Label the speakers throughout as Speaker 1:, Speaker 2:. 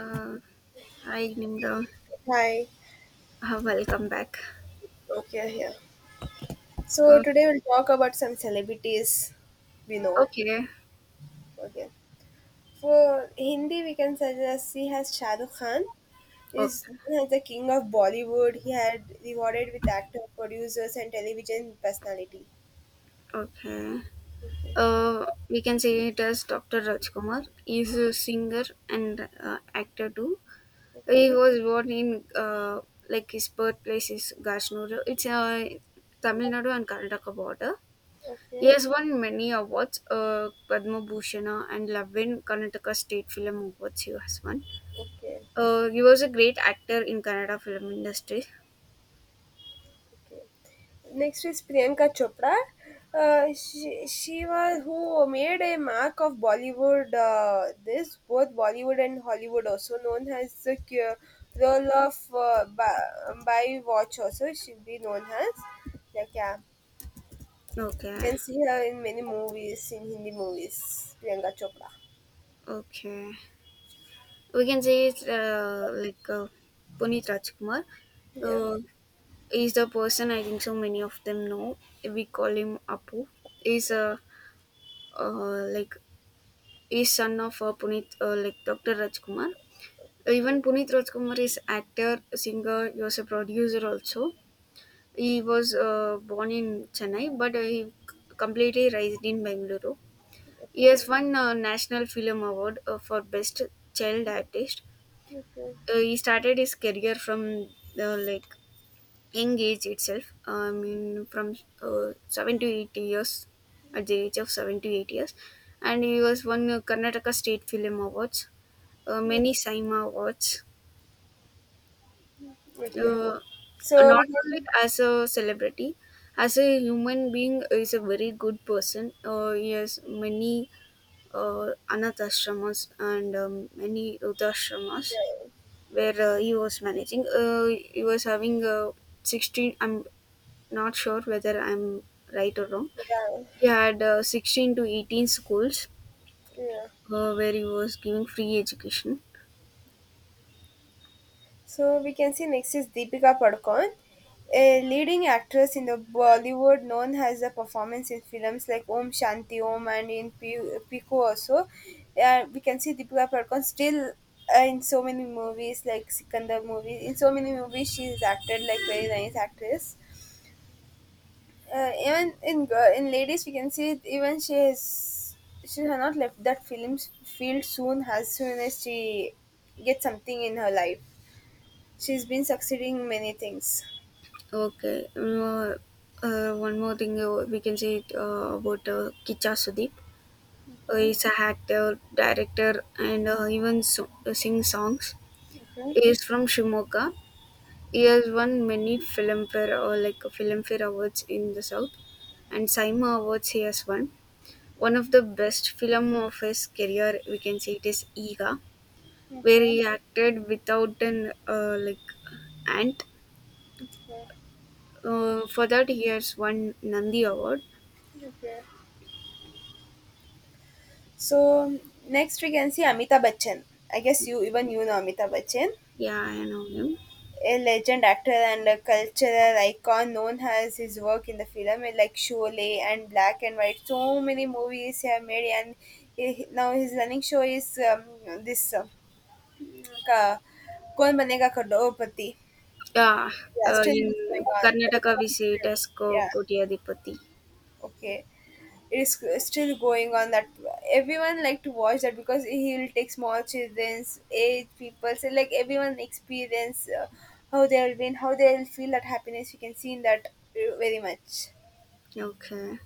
Speaker 1: Uh, Hi, Nimra.
Speaker 2: Hi.
Speaker 1: Welcome back.
Speaker 2: Okay, yeah. So
Speaker 1: Uh,
Speaker 2: today we'll talk about some celebrities we know.
Speaker 1: okay,
Speaker 2: Okay. For Hindi, we can suggest he has Shah Rukh Khan.
Speaker 1: okay,
Speaker 2: Is the king of Bollywood. He had rewarded with actor, producers, and television personality.
Speaker 1: okay.
Speaker 2: Okay.
Speaker 1: Uh, we can say it as Dr. Rajkumar. He's a singer and actor too. He
Speaker 2: Okay.
Speaker 1: was born in like his birthplace is Gashnuru. It's Tamil Nadu and Karnataka border. He
Speaker 2: Okay.
Speaker 1: has won many awards, Padma Bhushana and Lavin Karnataka State Film Awards. He has won.
Speaker 2: Okay.
Speaker 1: He was a great actor in Kannada film industry.
Speaker 2: Next is Priyanka Chopra. She was who made a mark of Bollywood. This both Bollywood and Hollywood, also known as the role of by watch, also she'll be known as. Like yeah, you
Speaker 1: Okay,
Speaker 2: can see her in many movies, in Hindi movies. Priyanka Chopra.
Speaker 1: okay. We can say it's like Puneet Rajkumar.
Speaker 2: Yeah.
Speaker 1: Uh, he's the person I think so many of them know. We call him Apu. He's like he's son of Puneet, like Dr. Rajkumar.
Speaker 2: Okay.
Speaker 1: Even Puneet Rajkumar is actor, singer. He was a producer also. He was born in Chennai, but completely raised in Bengaluru. He has
Speaker 2: Okay.
Speaker 1: won a National Film Award for Best Child Artist.
Speaker 2: Okay.
Speaker 1: He started his career from the like young age itself, I mean, from 7 to 8 years, at the age of 7 to 8 years, and he was won Karnataka State Film Awards,
Speaker 2: Yeah.
Speaker 1: many Saima Awards.
Speaker 2: Okay.
Speaker 1: uh,
Speaker 2: So
Speaker 1: Not
Speaker 2: we
Speaker 1: only
Speaker 2: can.
Speaker 1: as a celebrity, as a human being is a very good person. He has many uh, anath ashramas and many rudashramas
Speaker 2: Yeah.
Speaker 1: where he was managing. He was having 16, I'm not sure whether I'm right or wrong.
Speaker 2: Yeah.
Speaker 1: He had 16 to 18 schools,
Speaker 2: Yeah.
Speaker 1: where he was giving free education.
Speaker 2: So we can see next is Deepika Padukone, a leading actress in the Bollywood known as her performance in films like Om Shanti Om and in Pico also. We can see Deepika Padukone still in so many movies like Sikandar movies. In so many movies she is acted like very nice actress. Even in girl, in ladies we can see it, even she has not left that films field soon as she gets something in her life. She's been succeeding in many things.
Speaker 1: Okay. One more thing, we can say about Kicha Sudeep.
Speaker 2: Okay,
Speaker 1: He's a actor, director, and sing songs.
Speaker 2: okay,
Speaker 1: He is from Shimoga. He has won many Filmfare or like Filmfare awards in the South, and Saima Awards he has won. One of the best film of his career, we can say it is Ega, where he
Speaker 2: okay,
Speaker 1: acted without an like ant.
Speaker 2: okay,
Speaker 1: For that, he has won Nandi Award.
Speaker 2: okay. So next we can see Amitabh Bachchan. I guess you even you know Amitabh Bachchan,
Speaker 1: Yeah, I know him.
Speaker 2: a legend actor and a cultural icon known as his work in the film like Sholay and Black and White. So many movies he have made, and he, now his running show is this ka, Kaun Banega Crorepati.
Speaker 1: Yeah,
Speaker 2: Yeah, still
Speaker 1: in
Speaker 2: it is going on. It
Speaker 1: Karnataka we
Speaker 2: was,
Speaker 1: say it
Speaker 2: uh,
Speaker 1: as Ko
Speaker 2: Yeah,
Speaker 1: Kotiyadipati.
Speaker 2: okay. It is still going on that everyone like to watch that because he'll take small children's age people so like everyone experience how they'll win, how they'll feel that happiness you can see in that very much.
Speaker 1: Okay.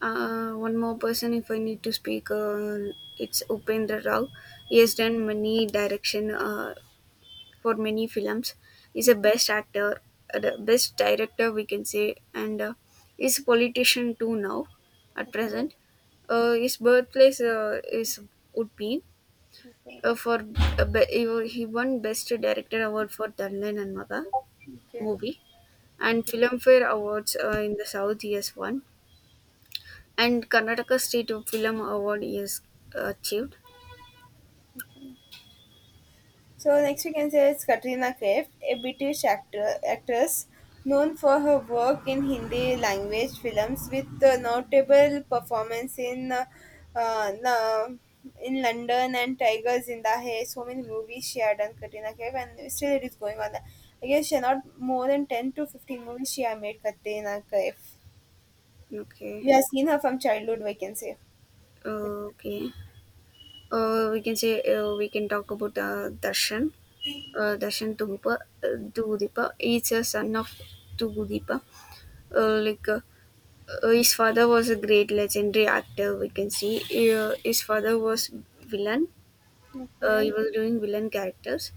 Speaker 1: One more person if I need to speak. It's Upendra Rao. He has done many direction for many films. He's a best actor, the best director we can say, and he's a politician too now, at
Speaker 2: Okay. Yeah.
Speaker 1: present. His birthplace is Udpin.
Speaker 2: Okay.
Speaker 1: For be- he wa- He won best director award for Darlan and Maga
Speaker 2: Okay,
Speaker 1: movie, and
Speaker 2: okay.
Speaker 1: Filmfare Awards in the South he has won, and Karnataka State Film Award is achieved.
Speaker 2: So next we can say it's Katrina Kaif, a British actor actress known for her work in Hindi language films with a notable performance uh, na- in London and Tiger Zinda Hai. So many movies she had done Katrina Kaif and still it is going on. I guess she had not more than 10 to 15 movies she had made Katrina Kaif.
Speaker 1: Okay,
Speaker 2: We have seen her from childhood, we can say.
Speaker 1: okay. We can talk about Darshan. Darshan Tugupa, Tugudipa. He's a son of Tugudipa. Like his father was a great legendary actor. We can see his father was villain.
Speaker 2: Katrina
Speaker 1: He
Speaker 2: Kaif.
Speaker 1: was doing villain characters.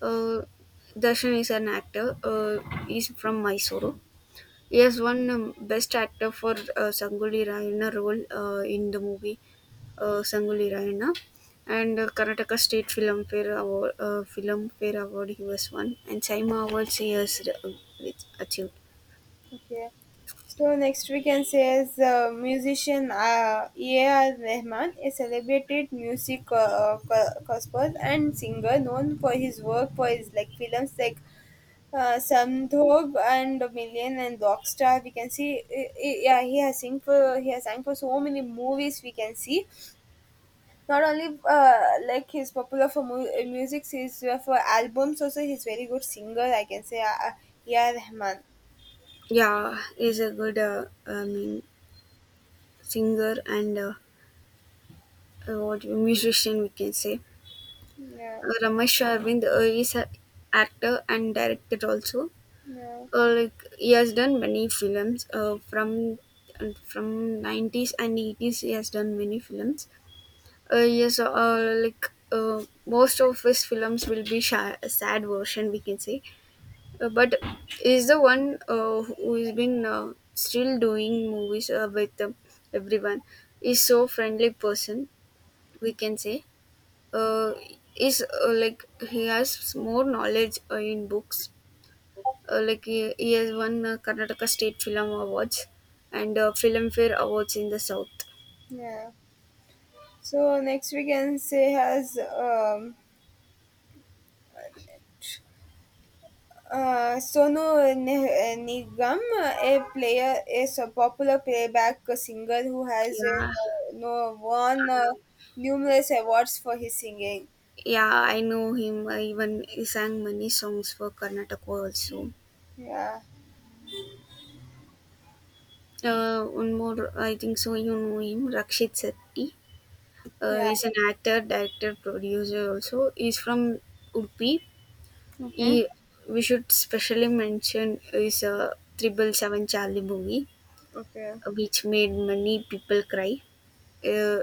Speaker 1: Uh, Darshan is an actor. He's from Mysore. Yes, one best actor for Sangoli Raina role in the movie Sangoli Raina, and Karnataka State Film Fair Award, Film Fair Award he was won, and Saima Awards he has achieved.
Speaker 2: Okay. So next we can say is musician A.R. Rahman, a celebrated music composer and singer known for his work for his like films like Samdhog and Million and Rockstar. We can see, yeah, he has sang for so many movies. We can see not only like he's popular for music, he's for albums also. He's very good singer. I can say, A.R. Rahman.
Speaker 1: Yeah, he's a good, I mean, singer and what musician we can say.
Speaker 2: Yeah.
Speaker 1: Ramesh Arvind is an actor and director also.
Speaker 2: Yeah.
Speaker 1: Like he has done many films from 90s and 80s he has done many films, yes, like most of his films will be sad version we can say, but is the one who has been still doing movies with everyone, is so friendly person we can say. uh, is, like, he has more knowledge in books, like he has won Karnataka State Film Awards and Filmfare Awards in the South.
Speaker 2: Yeah. So next we can say has Sonu Nigam, a player, is a popular playback singer who has
Speaker 1: Yeah, um,
Speaker 2: no, won numerous awards for his singing.
Speaker 1: yeah, I know him. I Even he sang many songs for Karnataka also.
Speaker 2: Yeah.
Speaker 1: One more, I think so. You know him, Rakshit Sethi.
Speaker 2: Yeah.
Speaker 1: He's an actor, director, producer also. He's from Udupi.
Speaker 2: Mm-hmm.
Speaker 1: He, we should specially mention his 777 Charlie movie,
Speaker 2: Okay.
Speaker 1: which made many people cry. Uh,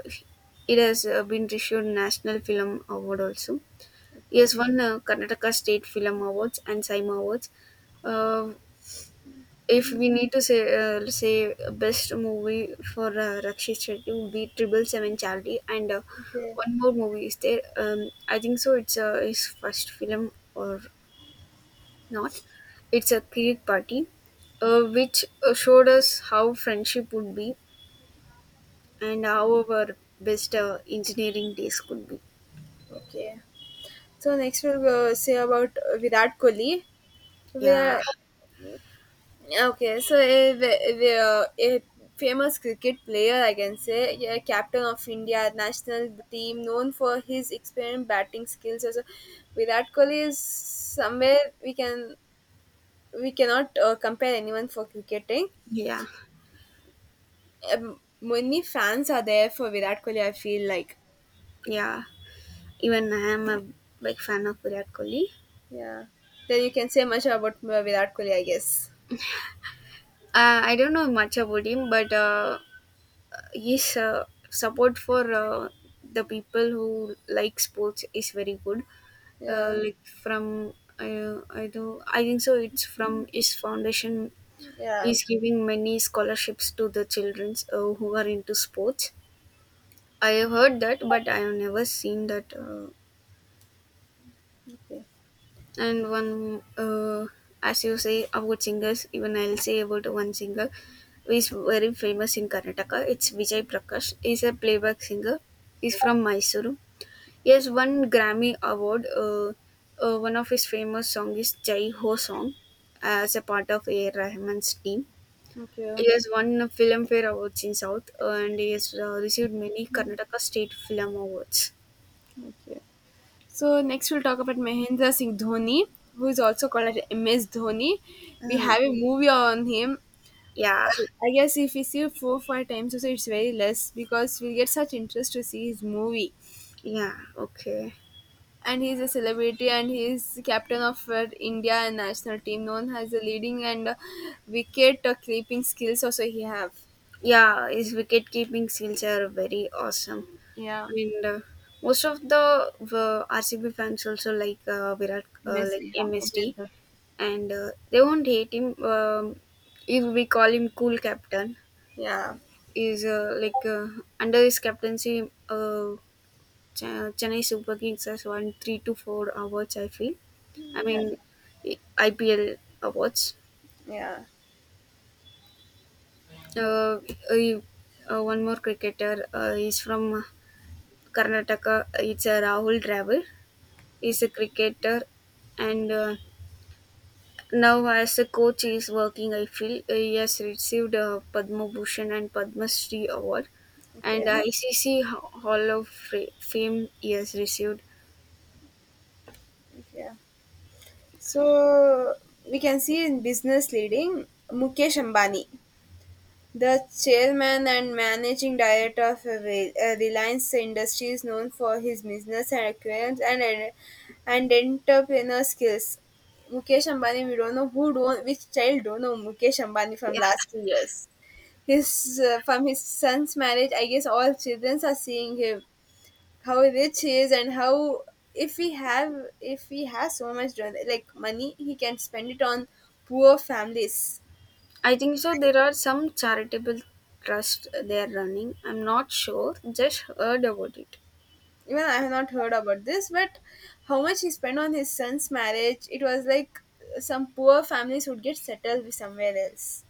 Speaker 1: it has been received National Film Award also. It
Speaker 2: Okay.
Speaker 1: has won Karnataka State Film Awards and Saima Awards. Uh, if we need to say best movie for Rakshit Shetty would be 777 Charlie, and
Speaker 2: Okay.
Speaker 1: one more movie is there. I think so. It's his first film or not? It's a Kirik Party, which showed us how friendship would be and how our best engineering days could be.
Speaker 2: Okay. So next we'll say about Virat Kohli.
Speaker 1: Yeah,
Speaker 2: Virat, okay, so a famous cricket player, I can say, yeah, captain of India national team, known for his experienced batting skills. Also, Virat Kohli is somewhere we can we cannot compare anyone for cricketing.
Speaker 1: yeah,
Speaker 2: Many fans are there for Virat Kohli. I feel like
Speaker 1: yeah. Even I am a big fan of Virat Kohli.
Speaker 2: yeah. Then you can say much about Virat Kohli, I guess.
Speaker 1: I don't know much about him, but his support for the people who like sports is very good.
Speaker 2: Yeah,
Speaker 1: Like from, I think so, it's from his foundation.
Speaker 2: yeah.
Speaker 1: Is giving many scholarships to the childrens who are into sports. I have heard that, but I have never seen that. uh,
Speaker 2: Okay,
Speaker 1: and one uh, as you say about singers, even I'll say about one singer who is very famous in Karnataka. It's Vijay Prakash. He's a playback singer. He's from Mysuru. He has won Grammy Award. One of his famous song is Jai Ho song, as a part of A.R. Rahman's team.
Speaker 2: okay,
Speaker 1: He has won a Filmfare Awards in South, and he has received many Karnataka State Film Awards.
Speaker 2: okay. So next we'll talk about Mahendra Singh Dhoni, who is also called as MS Dhoni. We
Speaker 1: uh,
Speaker 2: have a movie on him.
Speaker 1: yeah,
Speaker 2: I guess if we see 4 5 times also it's very less because we get such interest to see his movie.
Speaker 1: yeah. Okay.
Speaker 2: And he's a celebrity and he's captain of India national team known as the leading and wicket keeping skills also he have.
Speaker 1: Yeah, his wicket keeping skills are very awesome.
Speaker 2: Yeah.
Speaker 1: And most of the RCB fans also like Virat,
Speaker 2: MS,
Speaker 1: like
Speaker 2: yeah.
Speaker 1: MSD,
Speaker 2: MS.
Speaker 1: and they won't hate him if we call him cool captain.
Speaker 2: Yeah.
Speaker 1: Is, like, under his captaincy, Chennai Super Kings has won three to four awards. I feel. I
Speaker 2: Yeah.
Speaker 1: mean, IPL awards.
Speaker 2: Yeah.
Speaker 1: Uh, One more cricketer is from Karnataka. It's a Rahul Dravid. He's a cricketer, and now as a coach, he is working. I feel he has received a Padma Bhushan and Padma Shri award, and
Speaker 2: Okay.
Speaker 1: ICC Hall of Fame. He has received.
Speaker 2: Yeah. So we can see in business leading Mukesh Ambani, the chairman and managing director of Reliance Industries, known for his business acumen and entrepreneur skills. Mukesh Ambani, we don't know who don't which child don't know Mukesh Ambani from
Speaker 1: Yeah,
Speaker 2: last 2 years. His from his son's marriage, I guess all children are seeing him how rich he is and how if we have if he has so much like money he can spend it on poor families.
Speaker 1: I think so. There are some charitable trust they are running. I'm not sure. Just heard about it.
Speaker 2: Even I have not heard about this, but how much he spent on his son's marriage, it was like some poor families would get settled with somewhere else.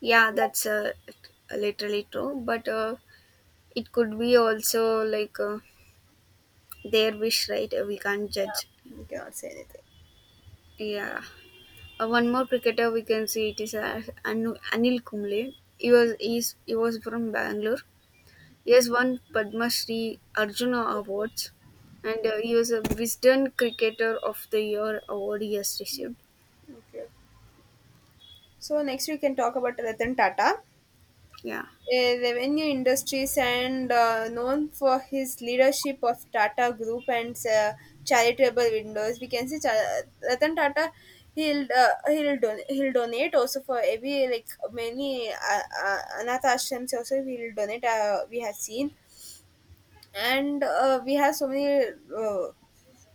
Speaker 1: Yeah, that's literally true. But it could be also like their wish, right? We can't judge.
Speaker 2: We cannot say anything.
Speaker 1: Yeah. One more cricketer we can see it is Anil Kumble. He was from Bangalore. He has won Padma Shri Arjuna Awards, and he was a Wisden Cricketer of the Year award he has received.
Speaker 2: Okay. So next we can talk about Ratan Tata,
Speaker 1: Yeah,
Speaker 2: a revenue industries and known for his leadership of Tata Group and charitable windows. We can say Ratan Tata. He'll donate also for every like many anath ashrams also he'll donate. We have seen, and we have so many uh,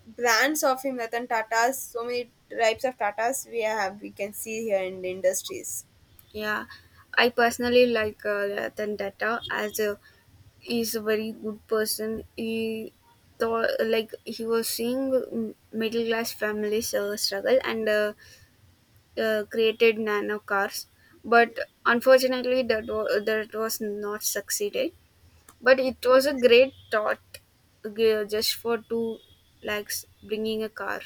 Speaker 2: brands of him Ratan Tatas. So many types of Tatas we have we can see here in the industries.
Speaker 1: yeah. I personally like Ratan Tata. As a he's a very good person, he thought, like he was seeing, middle class families struggle, and created nano cars, but unfortunately that was not succeeded, but it was a great thought, just for two lakhs bringing a car.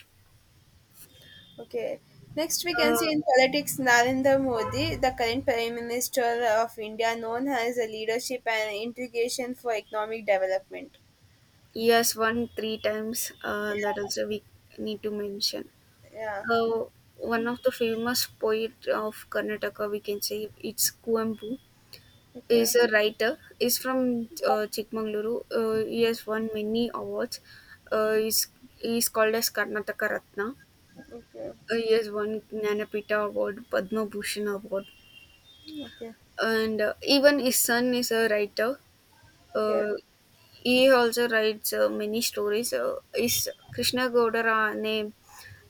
Speaker 2: Okay. Next, we can see
Speaker 1: uh,
Speaker 2: in politics Narendra Modi, the current Prime Minister of India, known as a leadership and integration for economic development.
Speaker 1: yes, won three times, that also we need to mention.
Speaker 2: Yeah.
Speaker 1: uh, One of the famous poet of Karnataka we can say, it's Kuempu.
Speaker 2: Okay.
Speaker 1: Is a writer. Is from Chikmagaluru. He has won many awards. Uh, he's, he's called as Karnataka Ratna.
Speaker 2: Okay.
Speaker 1: He has won Gnanapita Award, Padma Bhushan Award,
Speaker 2: Okay.
Speaker 1: and even his son is a writer.
Speaker 2: Okay.
Speaker 1: Uh, he also writes many stories. His Krishna Gaudara name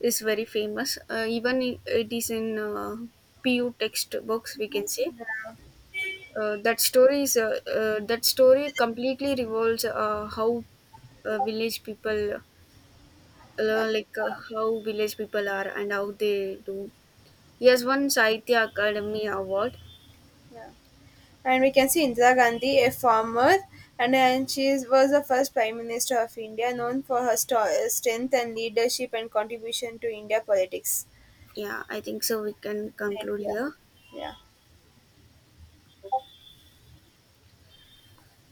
Speaker 1: is very famous. Even it is in PU textbooks, we can say. That story completely revolves, how village people
Speaker 2: Uh,
Speaker 1: like, how village people are and how they do. He has won Sahitya Academy Award.
Speaker 2: yeah. And we can see Indira Gandhi, a farmer, and then was the first Prime Minister of India, known for her strength and leadership and contribution to India politics.
Speaker 1: Yeah, I think so. We can
Speaker 2: In
Speaker 1: conclude
Speaker 2: India.
Speaker 1: here.
Speaker 2: Yeah.